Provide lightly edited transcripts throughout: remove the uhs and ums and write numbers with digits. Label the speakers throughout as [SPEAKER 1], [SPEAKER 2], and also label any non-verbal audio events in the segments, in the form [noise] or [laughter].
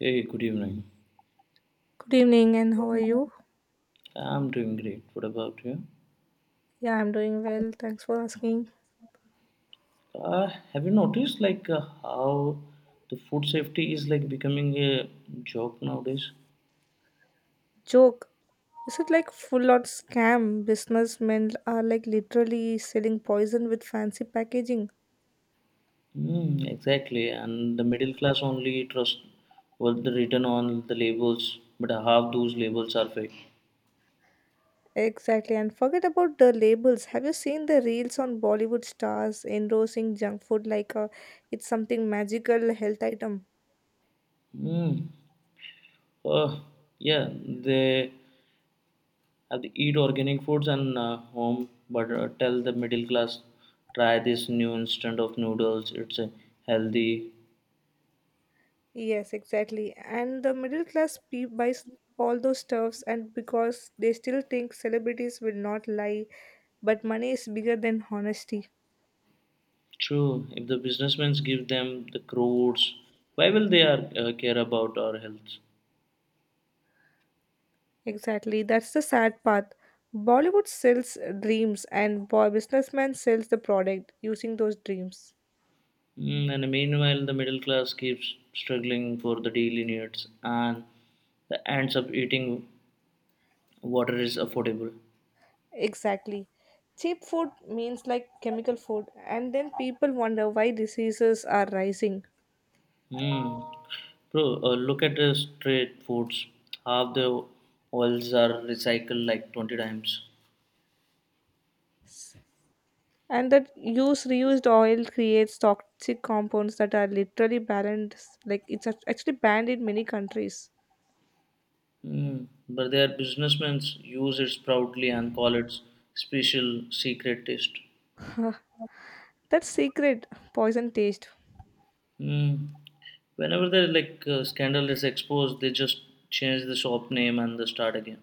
[SPEAKER 1] Hey, good evening.
[SPEAKER 2] Good evening, and how are you?
[SPEAKER 1] I'm doing great. What about you?
[SPEAKER 2] Yeah, I'm doing well. Thanks for asking.
[SPEAKER 1] Uh, have you noticed how the food safety is like becoming a joke nowadays?
[SPEAKER 2] Joke. Is it like full on scam? Businessmen are like literally selling poison with fancy packaging.
[SPEAKER 1] Mm, exactly, and the middle class only trust what the written on the labels, but half those labels are fake.
[SPEAKER 2] Exactly. And forget about the labels. Have you seen the reels on Bollywood stars endorsing junk food like it's something magical health item?
[SPEAKER 1] Mm, uh, yeah, they have to eat organic foods and home, but tell the middle class try this new instant of noodles. It's healthy.
[SPEAKER 2] Yes, exactly. And the middle class buys all those stuffs, and because they still think celebrities will not lie, but money is bigger than honesty.
[SPEAKER 1] True, if the businessmen give them the crores, why will they are, care about our health?
[SPEAKER 2] Exactly, that's the sad part. Bollywood sells dreams, and boy, businessman sells the product using those dreams.
[SPEAKER 1] Mm, and meanwhile, the middle class keeps struggling for the daily needs and the ends up eating water is affordable.
[SPEAKER 2] Exactly. Cheap food means like chemical food, and then people wonder why diseases are rising.
[SPEAKER 1] Mm. Bro, look at the street foods. Half the oils are recycled like 20 times.
[SPEAKER 2] S- And that use reused oil creates toxic compounds that are literally banned, like it's actually banned in many countries.
[SPEAKER 1] Mm. But their businessmen use it proudly and call it special secret taste.
[SPEAKER 2] [laughs] That secret poison taste.
[SPEAKER 1] Mm. Whenever they scandal is exposed, they just change the shop name and they start again.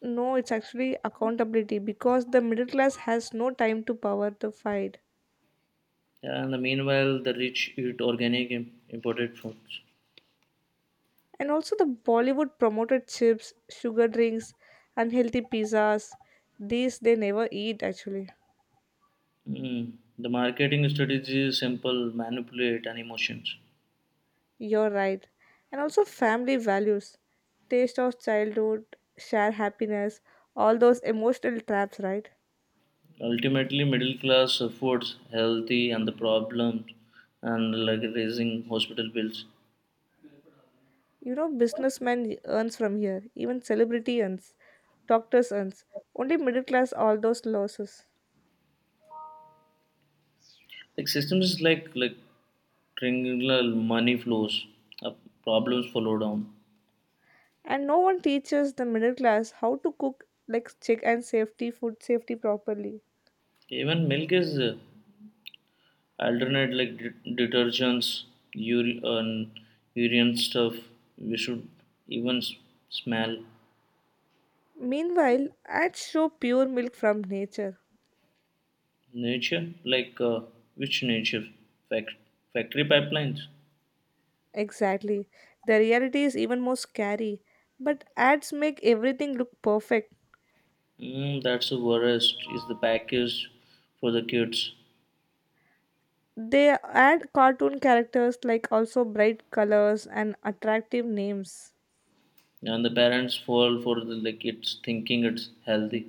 [SPEAKER 2] No, it's actually accountability because the middle class has no time to power the fight.
[SPEAKER 1] Yeah, and the meanwhile, the rich eat organic imported foods.
[SPEAKER 2] And also, the Bollywood promoted chips, sugar drinks, unhealthy pizzas. These they never eat, actually.
[SPEAKER 1] Mm. The marketing strategy is simple: manipulate and emotions.
[SPEAKER 2] You're right. And also, family values, taste of childhood, share happiness, all those emotional traps, right?
[SPEAKER 1] Ultimately, middle class affords healthy and the problems and like raising hospital bills.
[SPEAKER 2] You know, businessman earns from here, even celebrity earns, doctors earns. Only middle class, all those losses.
[SPEAKER 1] Like systems is like triangular money flows, uh, problems follow down.
[SPEAKER 2] And no one teaches the middle class how to cook like check and safety food safety properly.
[SPEAKER 1] Even milk is alternate like detergents and urine stuff we should even smell
[SPEAKER 2] Meanwhile, ads show pure milk from nature.
[SPEAKER 1] nature which nature. Fact Factory pipelines.
[SPEAKER 2] Exactly, the reality is even more scary, but ads make everything look perfect.
[SPEAKER 1] Mm, that's the worst is the package for the kids
[SPEAKER 2] They add cartoon characters like also bright colors and attractive names.
[SPEAKER 1] and the parents fall for the like it's thinking it's healthy.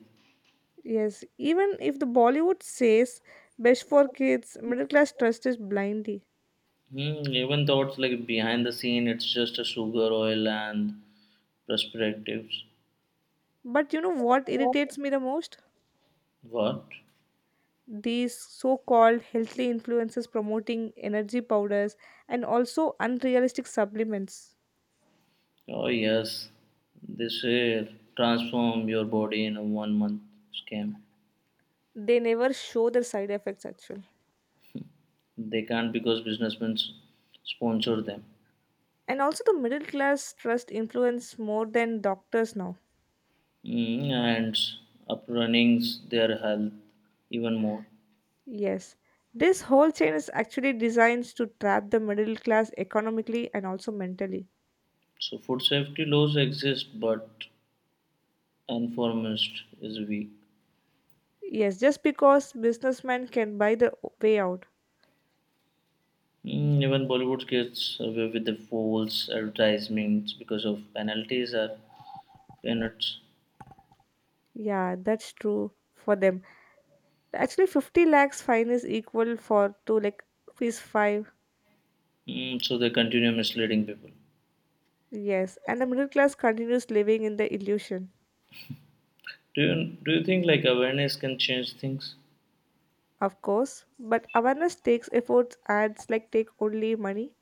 [SPEAKER 2] Yes, even if the Bollywood says best for kids, middle class trust is blindy.
[SPEAKER 1] Hmm, even thoughts like behind the scene it's just a sugar oil and perspectives.
[SPEAKER 2] But you know what irritates me the most?
[SPEAKER 1] What?
[SPEAKER 2] These so-called healthy influences promoting energy powders and also unrealistic supplements.
[SPEAKER 1] Oh yes, they say transform your body in a 1 month scam.
[SPEAKER 2] They never show their side effects, actually.
[SPEAKER 1] They can't because businessmen sponsor them.
[SPEAKER 2] And also the middle class trust influence more than doctors now.
[SPEAKER 1] Mm, and up runnings their health even more.
[SPEAKER 2] Yes, this whole chain is actually designed to trap the middle class economically and also mentally.
[SPEAKER 1] So food safety laws exist, but enforcement is weak.
[SPEAKER 2] Yes, just because businessmen can buy the way out.
[SPEAKER 1] Mm, even Bollywood gets away with the false advertisements because of penalties are peanuts.
[SPEAKER 2] Yeah, that's true for them. Actually, 50 lakhs fine is equal for to like ₹5.
[SPEAKER 1] Mm, so they continue misleading people.
[SPEAKER 2] Yes, and the middle class continues living in the illusion.
[SPEAKER 1] Do you do you think like awareness can change things?
[SPEAKER 2] Of course, but awareness takes efforts, ads like take only money.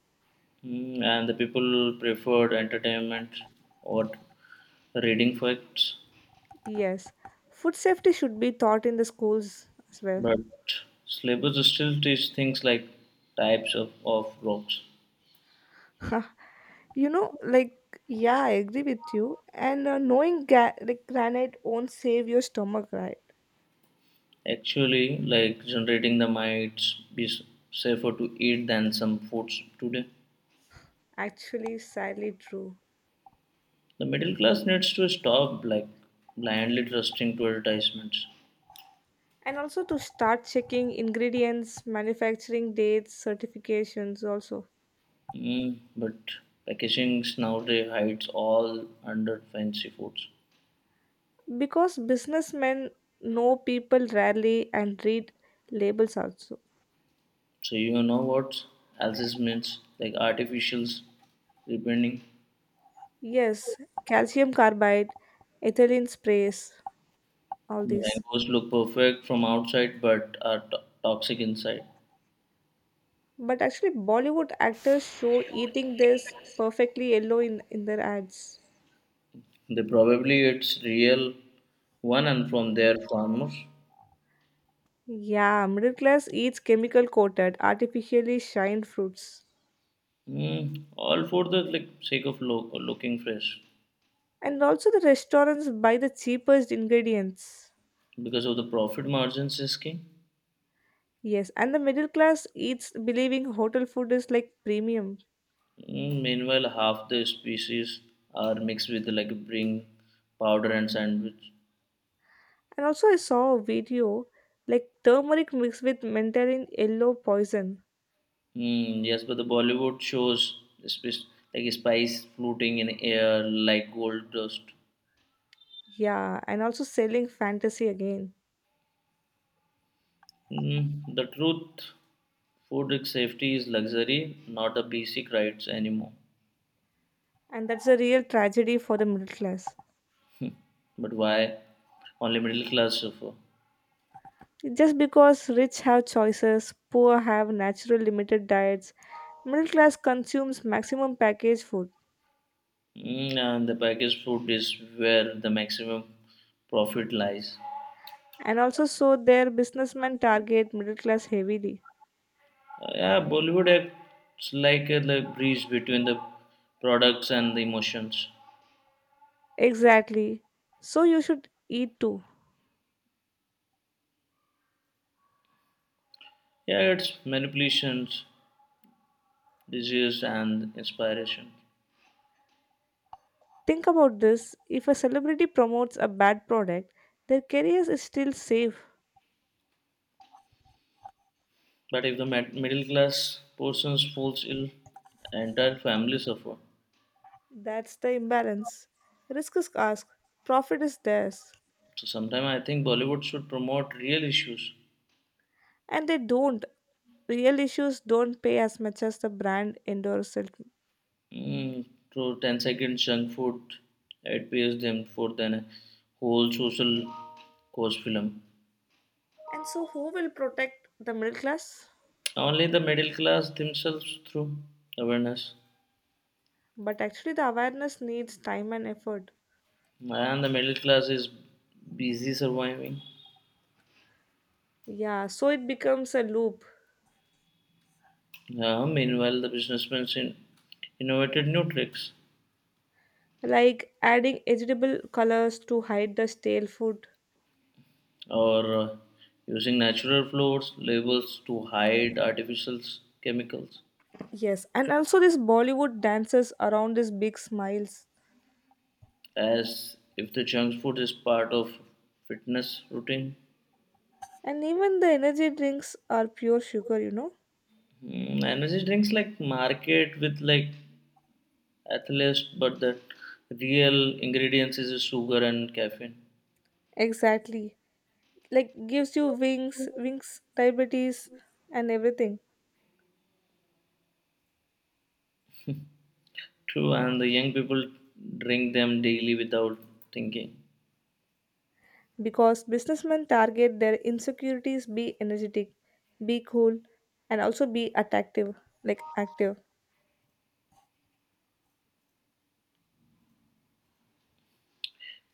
[SPEAKER 1] Mm, and the people preferred entertainment or reading facts,
[SPEAKER 2] Yes, food safety should be taught in the schools as well.
[SPEAKER 1] but syllabus still teach things like types of rocks.
[SPEAKER 2] [laughs] Like, yeah, I agree with you. And knowing like granite won't save your stomach, right?
[SPEAKER 1] Actually, like generating the might be safer to eat than some foods today.
[SPEAKER 2] Actually, sadly true.
[SPEAKER 1] The middle class needs to stop like blindly trusting to advertisements.
[SPEAKER 2] And also to start checking ingredients, manufacturing dates, certifications also.
[SPEAKER 1] Mm, but packaging nowadays hides all under fancy foods.
[SPEAKER 2] Because businessmen know people rarely and read labels also.
[SPEAKER 1] So you know what else is means like artificials depending.
[SPEAKER 2] Yes, calcium carbide, ethylene sprays, all these.
[SPEAKER 1] Mangoes look perfect from outside but are toxic inside.
[SPEAKER 2] But actually, Bollywood actors show eating this perfectly yellow in their ads.
[SPEAKER 1] They probably it's real one and from their farmers.
[SPEAKER 2] Yeah, middle class eats chemical coated, artificially shined fruits.
[SPEAKER 1] Mm, all for the like sake of looking fresh
[SPEAKER 2] And also, the restaurants buy the cheapest ingredients.
[SPEAKER 1] because of the profit margins is king.
[SPEAKER 2] Yes, and the middle class eats believing hotel food is like premium.
[SPEAKER 1] Mm, meanwhile, half the species are mixed with like bring powder and sandwich.
[SPEAKER 2] And also, I saw a video like turmeric mixed with Mandarin yellow poison.
[SPEAKER 1] Mm, yes, but the Bollywood shows, especially like spice floating in air like gold dust.
[SPEAKER 2] Yeah, and also selling fantasy again.
[SPEAKER 1] Mm, the truth, food safety is luxury, not the basic rights anymore.
[SPEAKER 2] And that's a real tragedy for the middle class.
[SPEAKER 1] But why only middle class suffer?
[SPEAKER 2] Just because rich have choices, poor have natural limited diets, middle class consumes maximum packaged food.
[SPEAKER 1] Mm, and the packaged food is where the maximum profit lies.
[SPEAKER 2] And also, so their businessmen target middle class heavily.
[SPEAKER 1] Yeah, Bollywood acts like a like bridge between the products and the emotions.
[SPEAKER 2] Exactly. So you should eat too.
[SPEAKER 1] Yeah, it's manipulations. Disease, and inspiration.
[SPEAKER 2] Think about this if a celebrity promotes a bad product, their career is still safe.
[SPEAKER 1] But if the middle class persons falls ill, entire family suffer.
[SPEAKER 2] That's the imbalance. Risk is asked, profit is theirs,
[SPEAKER 1] So sometimes I think Bollywood should promote real issues.
[SPEAKER 2] and they don't. Real issues don't pay as much as the brand endorses it.
[SPEAKER 1] Mm, so 10 seconds junk food, it pays them for then whole social cause film.
[SPEAKER 2] And so, who will protect the middle class?
[SPEAKER 1] Only the middle class themselves through awareness.
[SPEAKER 2] But actually, the awareness needs time and effort.
[SPEAKER 1] And the middle class is busy surviving.
[SPEAKER 2] Yeah, so it becomes a loop,
[SPEAKER 1] Yeah, meanwhile, the businessmen innovated new tricks
[SPEAKER 2] like adding edible colors to hide the stale food.
[SPEAKER 1] or using natural flavors labels to hide artificial chemicals
[SPEAKER 2] Yes, and also these Bollywood dances around these big smiles.
[SPEAKER 1] as if the junk food is part of fitness routine.
[SPEAKER 2] And even the energy drinks are pure sugar, you know?
[SPEAKER 1] Mm, energy drinks like market with like athletes but the real ingredients is sugar and caffeine.
[SPEAKER 2] Exactly. Like gives you wings, wings diabetes and everything.
[SPEAKER 1] True and the young people drink them daily without thinking
[SPEAKER 2] Because businessmen target their insecurities, be energetic, be cool, and also be attractive, like active.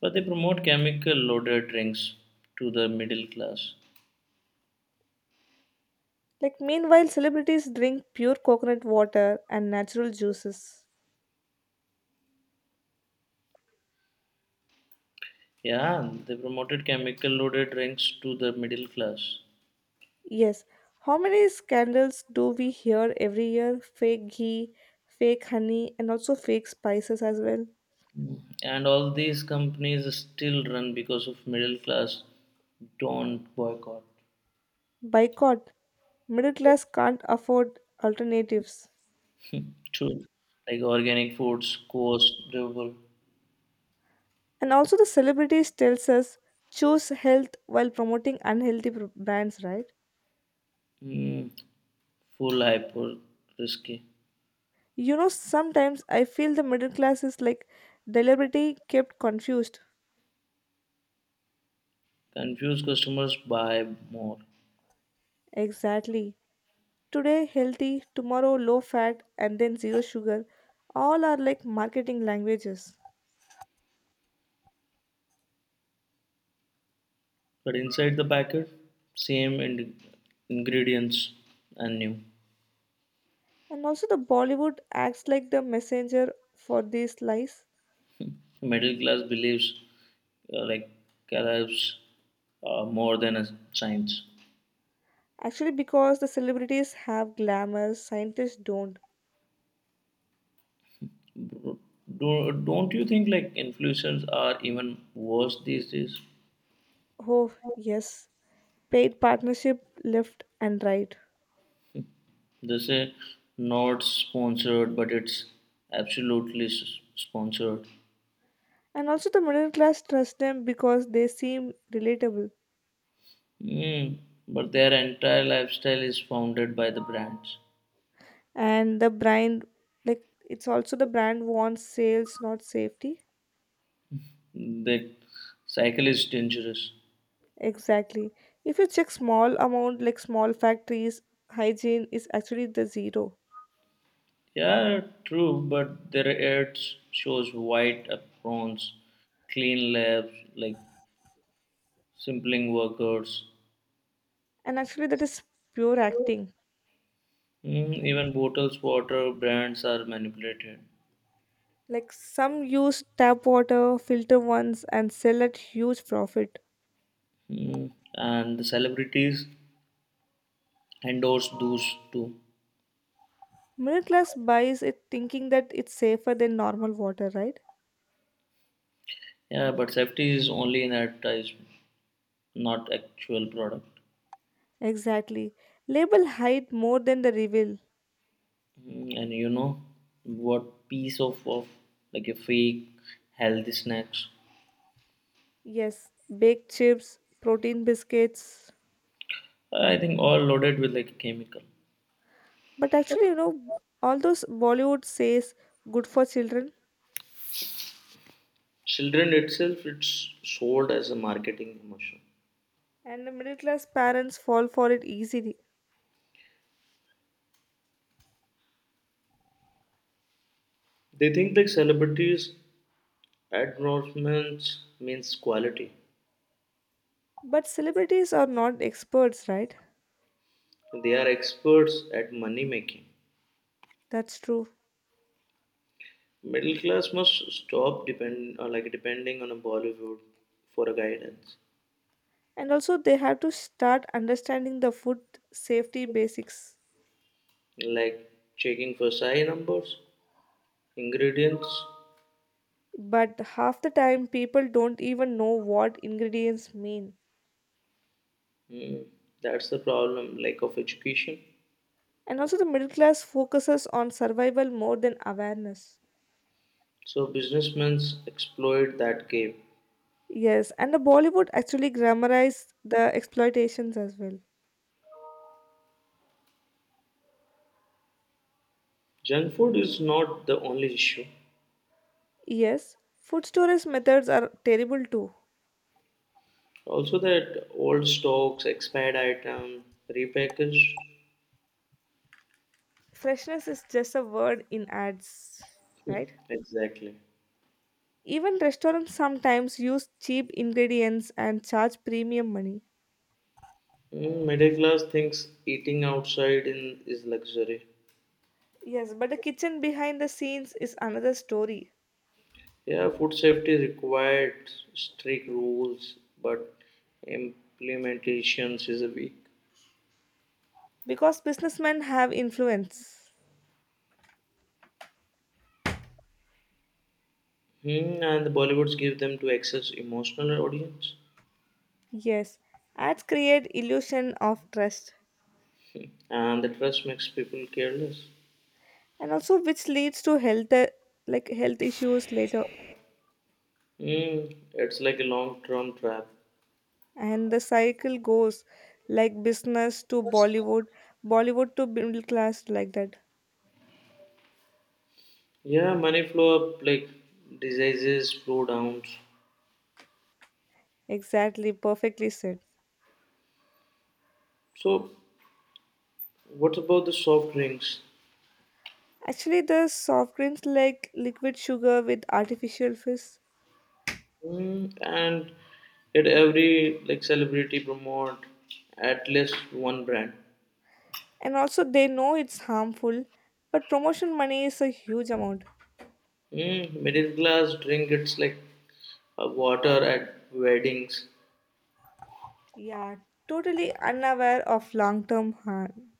[SPEAKER 1] but they promote chemical loaded drinks to the middle class.
[SPEAKER 2] Like, meanwhile celebrities drink pure coconut water and natural juices.
[SPEAKER 1] Yeah, they promoted chemical loaded drinks to the middle class.
[SPEAKER 2] Yes, how many scandals do we hear every year? Fake ghee, fake honey, and also fake spices as well.
[SPEAKER 1] And all these companies still run because of middle class don't boycott.
[SPEAKER 2] Boycott. Middle class can't afford alternatives.
[SPEAKER 1] True. Like organic foods cost double.
[SPEAKER 2] And also, the celebrities tells us choose health while promoting unhealthy brands, right?
[SPEAKER 1] Mm, full hyper risky.
[SPEAKER 2] You know, sometimes I feel the middle class is like deliberately kept confused.
[SPEAKER 1] Confused customers buy more.
[SPEAKER 2] Exactly. Today healthy, tomorrow low fat, and then zero sugar. All are like marketing languages.
[SPEAKER 1] But inside the packet, same ingredients and new.
[SPEAKER 2] And also, the Bollywood acts like the messenger for these lies.
[SPEAKER 1] Middle class believes like calories more than a science.
[SPEAKER 2] Actually, because the celebrities have glamour, scientists don't.
[SPEAKER 1] Don't you think like influencers are even worse these days?
[SPEAKER 2] Oh, yes. Paid partnership left and right.
[SPEAKER 1] They say not sponsored, but it's absolutely sponsored.
[SPEAKER 2] And also, the middle class trust them because they seem relatable.
[SPEAKER 1] Mm, but their entire lifestyle is founded by the brands.
[SPEAKER 2] And the brand, like, it's also the brand wants sales, not safety.
[SPEAKER 1] The cycle is dangerous.
[SPEAKER 2] Exactly. If you check small amount, like small factories, hygiene is actually the zero.
[SPEAKER 1] Yeah, true, but their ads shows white aprons, clean labs, like simpling workers.
[SPEAKER 2] And actually, that is pure acting.
[SPEAKER 1] Mm, even bottles water brands are manipulated.
[SPEAKER 2] Like, some use tap water, filter ones, and sell at huge profit.
[SPEAKER 1] Mm, and the celebrities endorse those too.
[SPEAKER 2] Middle class buys it thinking that it's safer than normal water, right?
[SPEAKER 1] Yeah, but safety is only an advertisement, not actual product.
[SPEAKER 2] Exactly. Label hide more than the reveal.
[SPEAKER 1] Mm, and you know what piece of like a fake healthy snacks?
[SPEAKER 2] Yes, baked chips, protein biscuits.
[SPEAKER 1] I think all loaded with like a chemical.
[SPEAKER 2] But actually, all those Bollywood says good for children,
[SPEAKER 1] Children itself, it's sold as a marketing emotion.
[SPEAKER 2] and the middle class parents fall for it easily.
[SPEAKER 1] They think like celebrities endorsements means quality.
[SPEAKER 2] But celebrities are not experts, right?
[SPEAKER 1] They are experts at money making.
[SPEAKER 2] That's true.
[SPEAKER 1] Middle class must stop depend like depending on a Bollywood for a guidance,
[SPEAKER 2] And also, they have to start understanding the food safety basics.
[SPEAKER 1] like checking for SAI numbers, ingredients.
[SPEAKER 2] But half the time, people don't even know what ingredients mean.
[SPEAKER 1] Mm, that's the problem, like of education.
[SPEAKER 2] And also, the middle class focuses on survival more than awareness.
[SPEAKER 1] So businessmen exploit that gap.
[SPEAKER 2] Yes, and the Bollywood actually glamorized the exploitations as well.
[SPEAKER 1] Junk food is not the only issue.
[SPEAKER 2] Yes, food storage methods are terrible too.
[SPEAKER 1] Also, that old stocks, expired item, repackaged.
[SPEAKER 2] Freshness is just a word in ads,
[SPEAKER 1] Hmm,
[SPEAKER 2] right?
[SPEAKER 1] exactly.
[SPEAKER 2] Even restaurants sometimes use cheap ingredients and charge premium money.
[SPEAKER 1] Mm, middle class thinks eating outside in is luxury.
[SPEAKER 2] Yes, but the kitchen behind the scenes is another story.
[SPEAKER 1] Yeah, food safety required strict rules, but implementations is a weak.
[SPEAKER 2] Because businessmen have influence.
[SPEAKER 1] Hmm, and the Bollywoods give them to access emotional audience,
[SPEAKER 2] Yes, ads create illusion of trust
[SPEAKER 1] and the trust makes people careless.
[SPEAKER 2] and also which leads to health, like health issues later.
[SPEAKER 1] Hmm, it's like a long-term trap.
[SPEAKER 2] And the cycle goes like business to Bollywood, Bollywood to middle class, like that.
[SPEAKER 1] Yeah, money flow up like diseases, flow downs.
[SPEAKER 2] Exactly, perfectly said.
[SPEAKER 1] So, what about the soft drinks?
[SPEAKER 2] Actually the soft drinks like liquid sugar with artificial fizz.
[SPEAKER 1] Mm, and yet every like celebrity promote at least one brand.
[SPEAKER 2] And also they know it's harmful, but promotion money is a huge amount.
[SPEAKER 1] Mm, middle class drink it's like water at weddings.
[SPEAKER 2] Yeah, totally unaware of long term harm.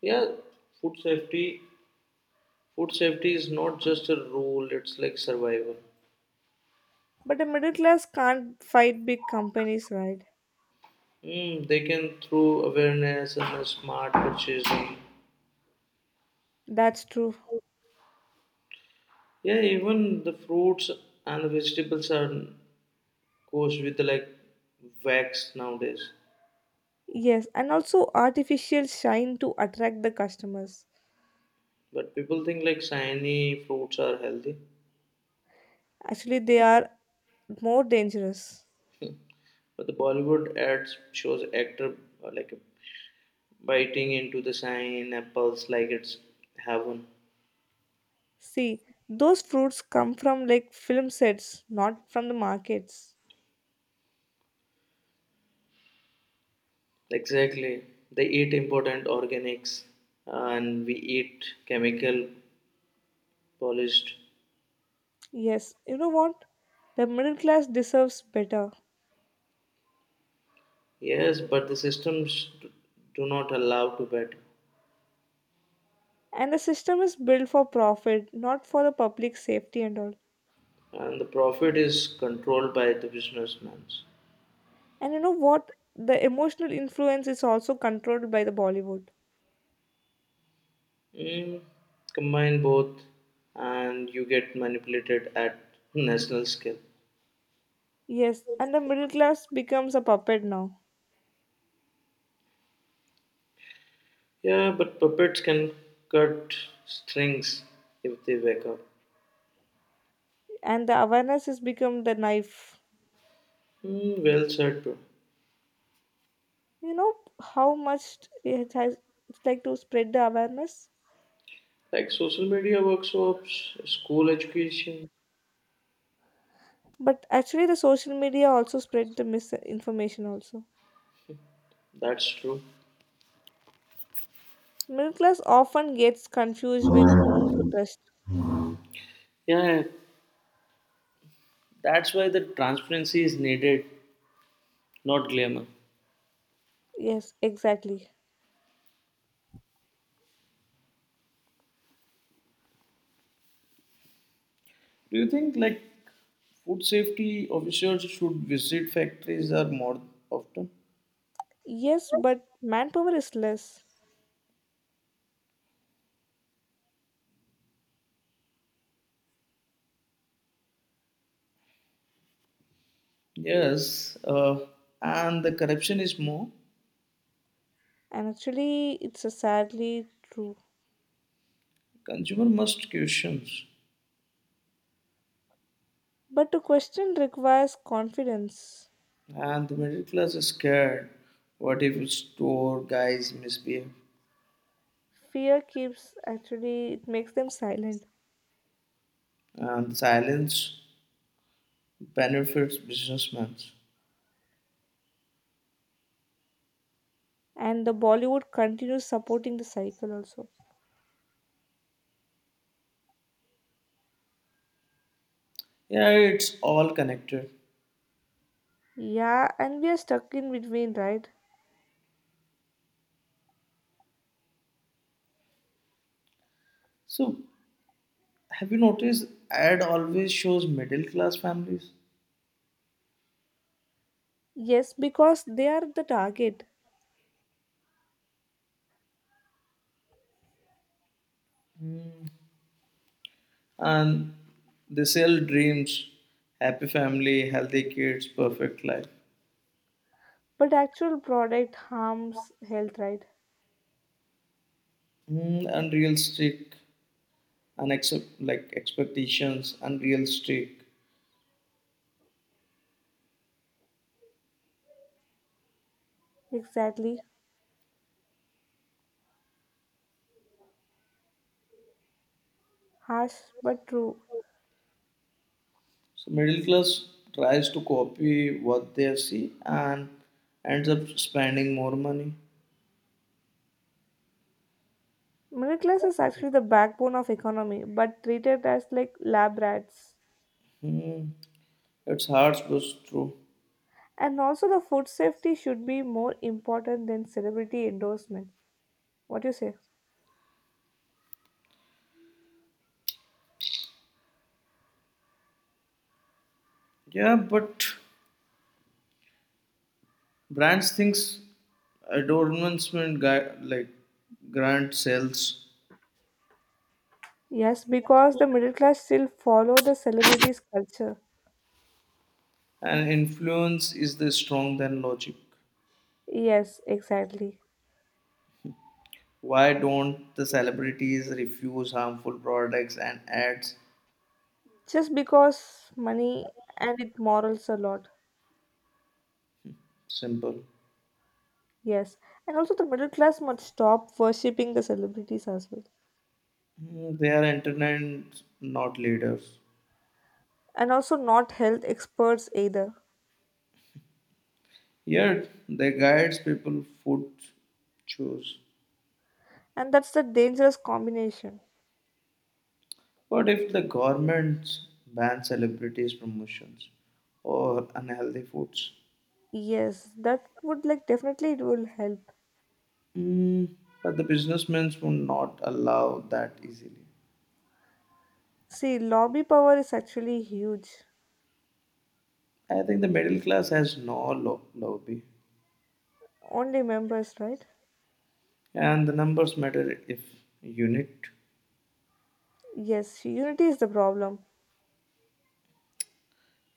[SPEAKER 1] Yeah, food safety. Food safety is not just a rule; it's like survival.
[SPEAKER 2] But the middle class can't fight big companies, right?
[SPEAKER 1] Mm, they can through awareness and a smart purchasing.
[SPEAKER 2] That's true.
[SPEAKER 1] Yeah, even the fruits and the vegetables are goes with like wax nowadays.
[SPEAKER 2] Yes, and also artificial shine to attract the customers.
[SPEAKER 1] But people think like shiny fruits are healthy.
[SPEAKER 2] Actually they are more dangerous.
[SPEAKER 1] But the Bollywood ads shows actor like biting into the pineapples like it's heaven.
[SPEAKER 2] See, those fruits come from like film sets, not from the markets.
[SPEAKER 1] Exactly. They eat important organics and we eat chemical polished.
[SPEAKER 2] Yes, you know what? The middle class deserves better.
[SPEAKER 1] Yes, but the systems do not allow to bet.
[SPEAKER 2] And the system is built for profit, not for the public safety and all.
[SPEAKER 1] And the profit is controlled by the businessmen.
[SPEAKER 2] And you know what? The emotional influence is also controlled by the Bollywood.
[SPEAKER 1] Mm, combine both and you get manipulated at national scale.
[SPEAKER 2] Yes, and the middle class becomes a puppet now.
[SPEAKER 1] Yeah, but puppets can cut strings if they wake up.
[SPEAKER 2] And the awareness has become the knife.
[SPEAKER 1] Hmm, well said, bro.
[SPEAKER 2] You know how much it has it's like to spread the awareness?
[SPEAKER 1] Like social media workshops, school education,
[SPEAKER 2] But actually, the social media also spread the misinformation also.
[SPEAKER 1] that's true.
[SPEAKER 2] Middle class often gets confused with whom
[SPEAKER 1] Yeah,
[SPEAKER 2] to trust.
[SPEAKER 1] yeah, that's why the transparency is needed, not glamour.
[SPEAKER 2] Yes, exactly.
[SPEAKER 1] Do you think like food safety officers should visit factories are more often?
[SPEAKER 2] Yes, but manpower is less.
[SPEAKER 1] Yes, and the corruption is more.
[SPEAKER 2] And actually, it's a sadly true.
[SPEAKER 1] Consumer must questions,
[SPEAKER 2] But the question requires confidence.
[SPEAKER 1] and the middle class is scared. What if store guys misbehave?
[SPEAKER 2] Fear keeps, actually, it makes them silent.
[SPEAKER 1] And silence benefits businessmen.
[SPEAKER 2] And the Bollywood continues supporting the cycle also.
[SPEAKER 1] Yeah, it's all connected.
[SPEAKER 2] Yeah, and we are stuck in between, right?
[SPEAKER 1] So, have you noticed ad always shows middle class families
[SPEAKER 2] Yes, because they are the target.
[SPEAKER 1] and they sell dreams, happy family, healthy kids, perfect life.
[SPEAKER 2] But actual product harms health, right?
[SPEAKER 1] Mm, unrealistic and accept, like expectations, unrealistic.
[SPEAKER 2] Exactly. Harsh but true.
[SPEAKER 1] So middle class tries to copy what they see and ends up spending more money.
[SPEAKER 2] Middle class is actually the backbone of economy, but treated as like lab rats.
[SPEAKER 1] Hmm, it's hard, but it's true.
[SPEAKER 2] And also the food safety should be more important than celebrity endorsement. What do you say?
[SPEAKER 1] Yeah, but brands thinks adornment guy, like grant sells
[SPEAKER 2] Yes, because the middle class still follow the celebrities culture.
[SPEAKER 1] and influence is the strong than logic.
[SPEAKER 2] Yes, exactly.
[SPEAKER 1] Why don't the celebrities refuse harmful products and ads?
[SPEAKER 2] Just because money and it morals a lot.
[SPEAKER 1] Simple.
[SPEAKER 2] Yes. And also the middle class must stop worshipping the celebrities as well.
[SPEAKER 1] Mm, they are entertainers, not leaders.
[SPEAKER 2] And also not health experts either.
[SPEAKER 1] Yet they guides people food choose.
[SPEAKER 2] And that's the dangerous combination.
[SPEAKER 1] What if the government bans celebrities promotions or unhealthy foods?
[SPEAKER 2] Yes, that would like definitely it will help.
[SPEAKER 1] Mm, but the businessmen would not allow that easily.
[SPEAKER 2] See, lobby power is actually huge.
[SPEAKER 1] I think the middle class has no lobby,
[SPEAKER 2] Only members, right?
[SPEAKER 1] and the numbers matter if unit.
[SPEAKER 2] Yes, unity is the problem.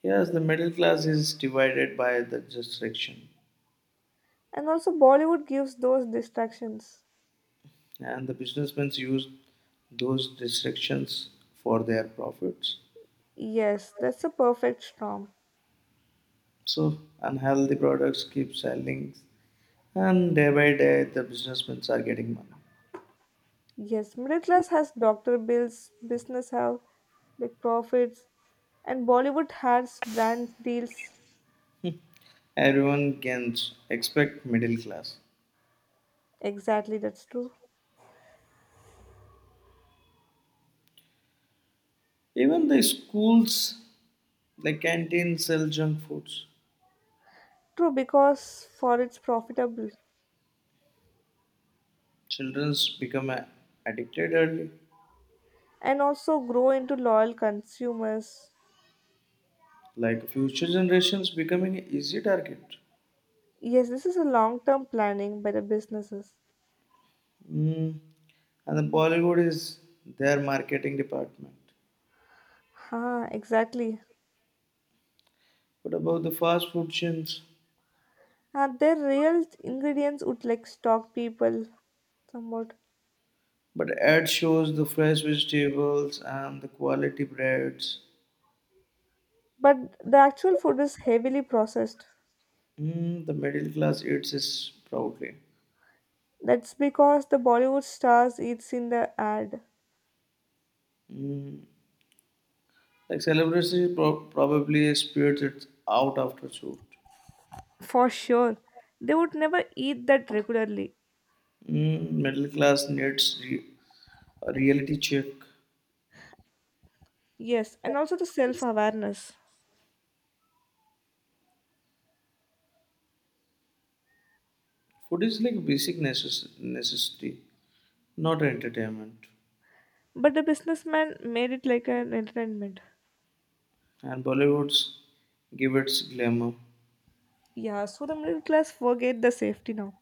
[SPEAKER 1] Yes, the middle class is divided by the restriction,
[SPEAKER 2] And also, Bollywood gives those distractions.
[SPEAKER 1] and the businessmen use those restrictions for their profits.
[SPEAKER 2] Yes, that's a perfect storm.
[SPEAKER 1] So unhealthy products keep selling, and day by day the businessmen are getting money.
[SPEAKER 2] Yes, middle class has doctor bills, business have like profits, and Bollywood has brand deals.
[SPEAKER 1] Everyone can expect middle class.
[SPEAKER 2] Exactly, that's true.
[SPEAKER 1] Even the schools like canteens sell junk foods.
[SPEAKER 2] True, because for it's profitable
[SPEAKER 1] Children's become addicted early.
[SPEAKER 2] and also grow into loyal consumers.
[SPEAKER 1] Like future generations becoming an easy target.
[SPEAKER 2] Yes, this is a long-term planning by the businesses.
[SPEAKER 1] Mm. And the Bollywood is their marketing department.
[SPEAKER 2] Ha, exactly.
[SPEAKER 1] What about the fast food chains?
[SPEAKER 2] And their real ingredients would like stock people somewhat.
[SPEAKER 1] But ad shows the fresh vegetables and the quality breads.
[SPEAKER 2] But the actual food is heavily processed.
[SPEAKER 1] Mm, the middle class eats this proudly.
[SPEAKER 2] That's because the Bollywood stars eats in the ad.
[SPEAKER 1] Mm, like celebrity probably spirits it out after shoot.
[SPEAKER 2] For sure. They would never eat that regularly.
[SPEAKER 1] Mm, middle class needs a reality check.
[SPEAKER 2] Yes, and also the self-awareness.
[SPEAKER 1] Food is like basic necessity, not entertainment.
[SPEAKER 2] But the businessman made it like an entertainment.
[SPEAKER 1] And Bollywood's give its glamour.
[SPEAKER 2] Yeah, so the middle class forget the safety now.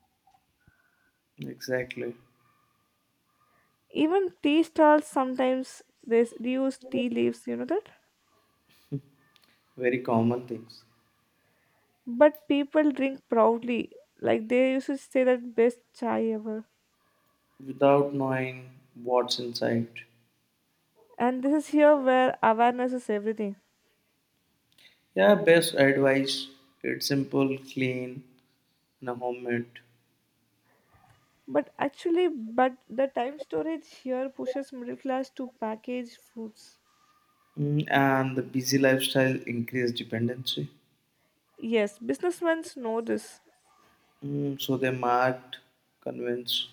[SPEAKER 1] Exactly.
[SPEAKER 2] Even tea stalls sometimes they use tea leaves, you know that?
[SPEAKER 1] Very common things.
[SPEAKER 2] But people drink proudly. Like they used to say that best chai ever.
[SPEAKER 1] Without knowing what's inside.
[SPEAKER 2] And this is here where awareness is everything.
[SPEAKER 1] Yeah, best advice. It's simple, clean, and a homemade.
[SPEAKER 2] But actually, but the time storage here pushes middle class to package foods.
[SPEAKER 1] Mm, and the busy lifestyle increased dependency.
[SPEAKER 2] Yes, businessmen know this.
[SPEAKER 1] Mm, so they marked, convinced.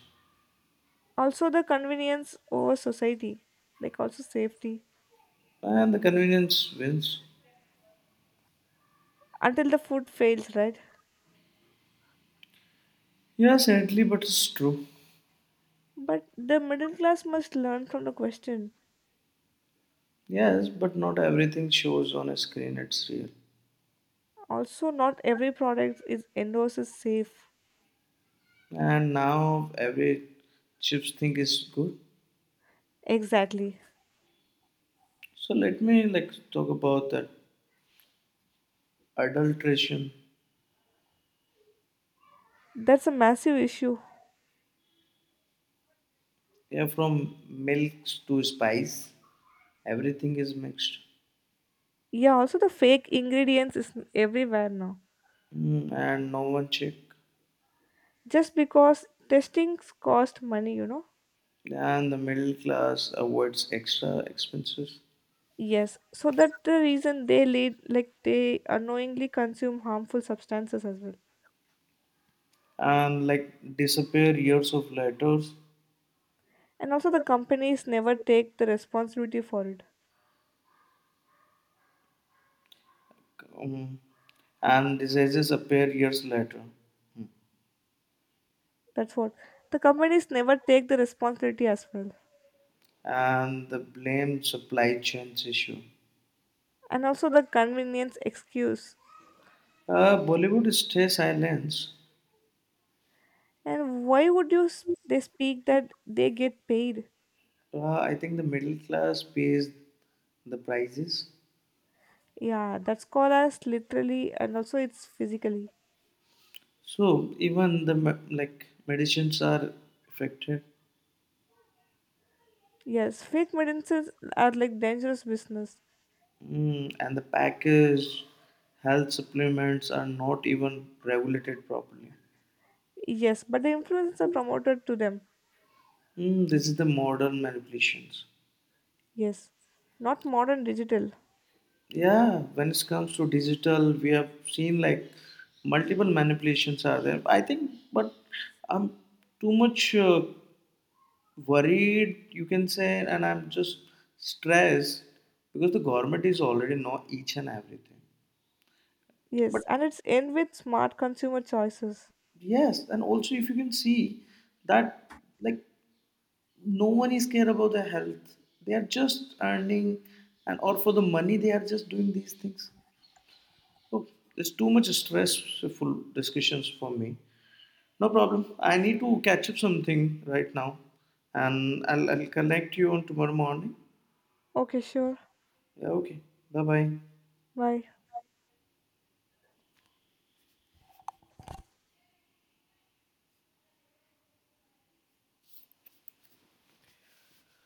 [SPEAKER 2] Also the convenience over society, like also safety.
[SPEAKER 1] And the convenience wins.
[SPEAKER 2] Until the food fails, right?
[SPEAKER 1] Yeah, sadly, but it's true.
[SPEAKER 2] But the middle class must learn from the question.
[SPEAKER 1] Yes, but not everything shows on a screen, it's real.
[SPEAKER 2] Also, not every product is endorsed as safe.
[SPEAKER 1] And now every chips thing is good.
[SPEAKER 2] Exactly.
[SPEAKER 1] So let me like talk about that adulteration.
[SPEAKER 2] That's a massive issue.
[SPEAKER 1] Yeah, from milks to spice, everything is mixed.
[SPEAKER 2] Yeah, also the fake ingredients is everywhere now.
[SPEAKER 1] Mm, and no one check.
[SPEAKER 2] Just because testings cost money, you know?
[SPEAKER 1] And the middle class avoids extra expenses.
[SPEAKER 2] Yes. So that the reason they lead like they unknowingly consume harmful substances as well.
[SPEAKER 1] And like disappear years of letters.
[SPEAKER 2] And also the companies never take the responsibility for it.
[SPEAKER 1] Um, and diseases appear years later.
[SPEAKER 2] That's what. The companies never take the responsibility as well.
[SPEAKER 1] And the blame supply chains issue.
[SPEAKER 2] And also the convenience excuse.
[SPEAKER 1] Bollywood stay silence.
[SPEAKER 2] And why would you they speak that they get paid?
[SPEAKER 1] I think the middle class pays the prices.
[SPEAKER 2] Yeah, that's called as literally and also it's physically.
[SPEAKER 1] So even the like medicines are affected,
[SPEAKER 2] Yes, fake medicines are like dangerous business.
[SPEAKER 1] mm, and the package health supplements are not even regulated properly.
[SPEAKER 2] Yes, but the influence are promoted to them.
[SPEAKER 1] Mm, this is the modern manipulations.
[SPEAKER 2] Yes, not modern digital.
[SPEAKER 1] Yeah, when it comes to digital, we have seen like multiple manipulations are there. I think, but I'm too much worried, you can say, and I'm just stressed because the government is already know each and everything. But
[SPEAKER 2] Yes, and it's end with smart consumer choices.
[SPEAKER 1] yes, and also if you can see that, like, no one is care about their health. They are just earning, and or for the money, they are just doing these things. Oh, it's too much stressful discussions for me. No problem. I need to catch up something right now, and I'll connect you on tomorrow morning.
[SPEAKER 2] Okay, sure.
[SPEAKER 1] Yeah, okay. Bye bye.
[SPEAKER 2] Bye.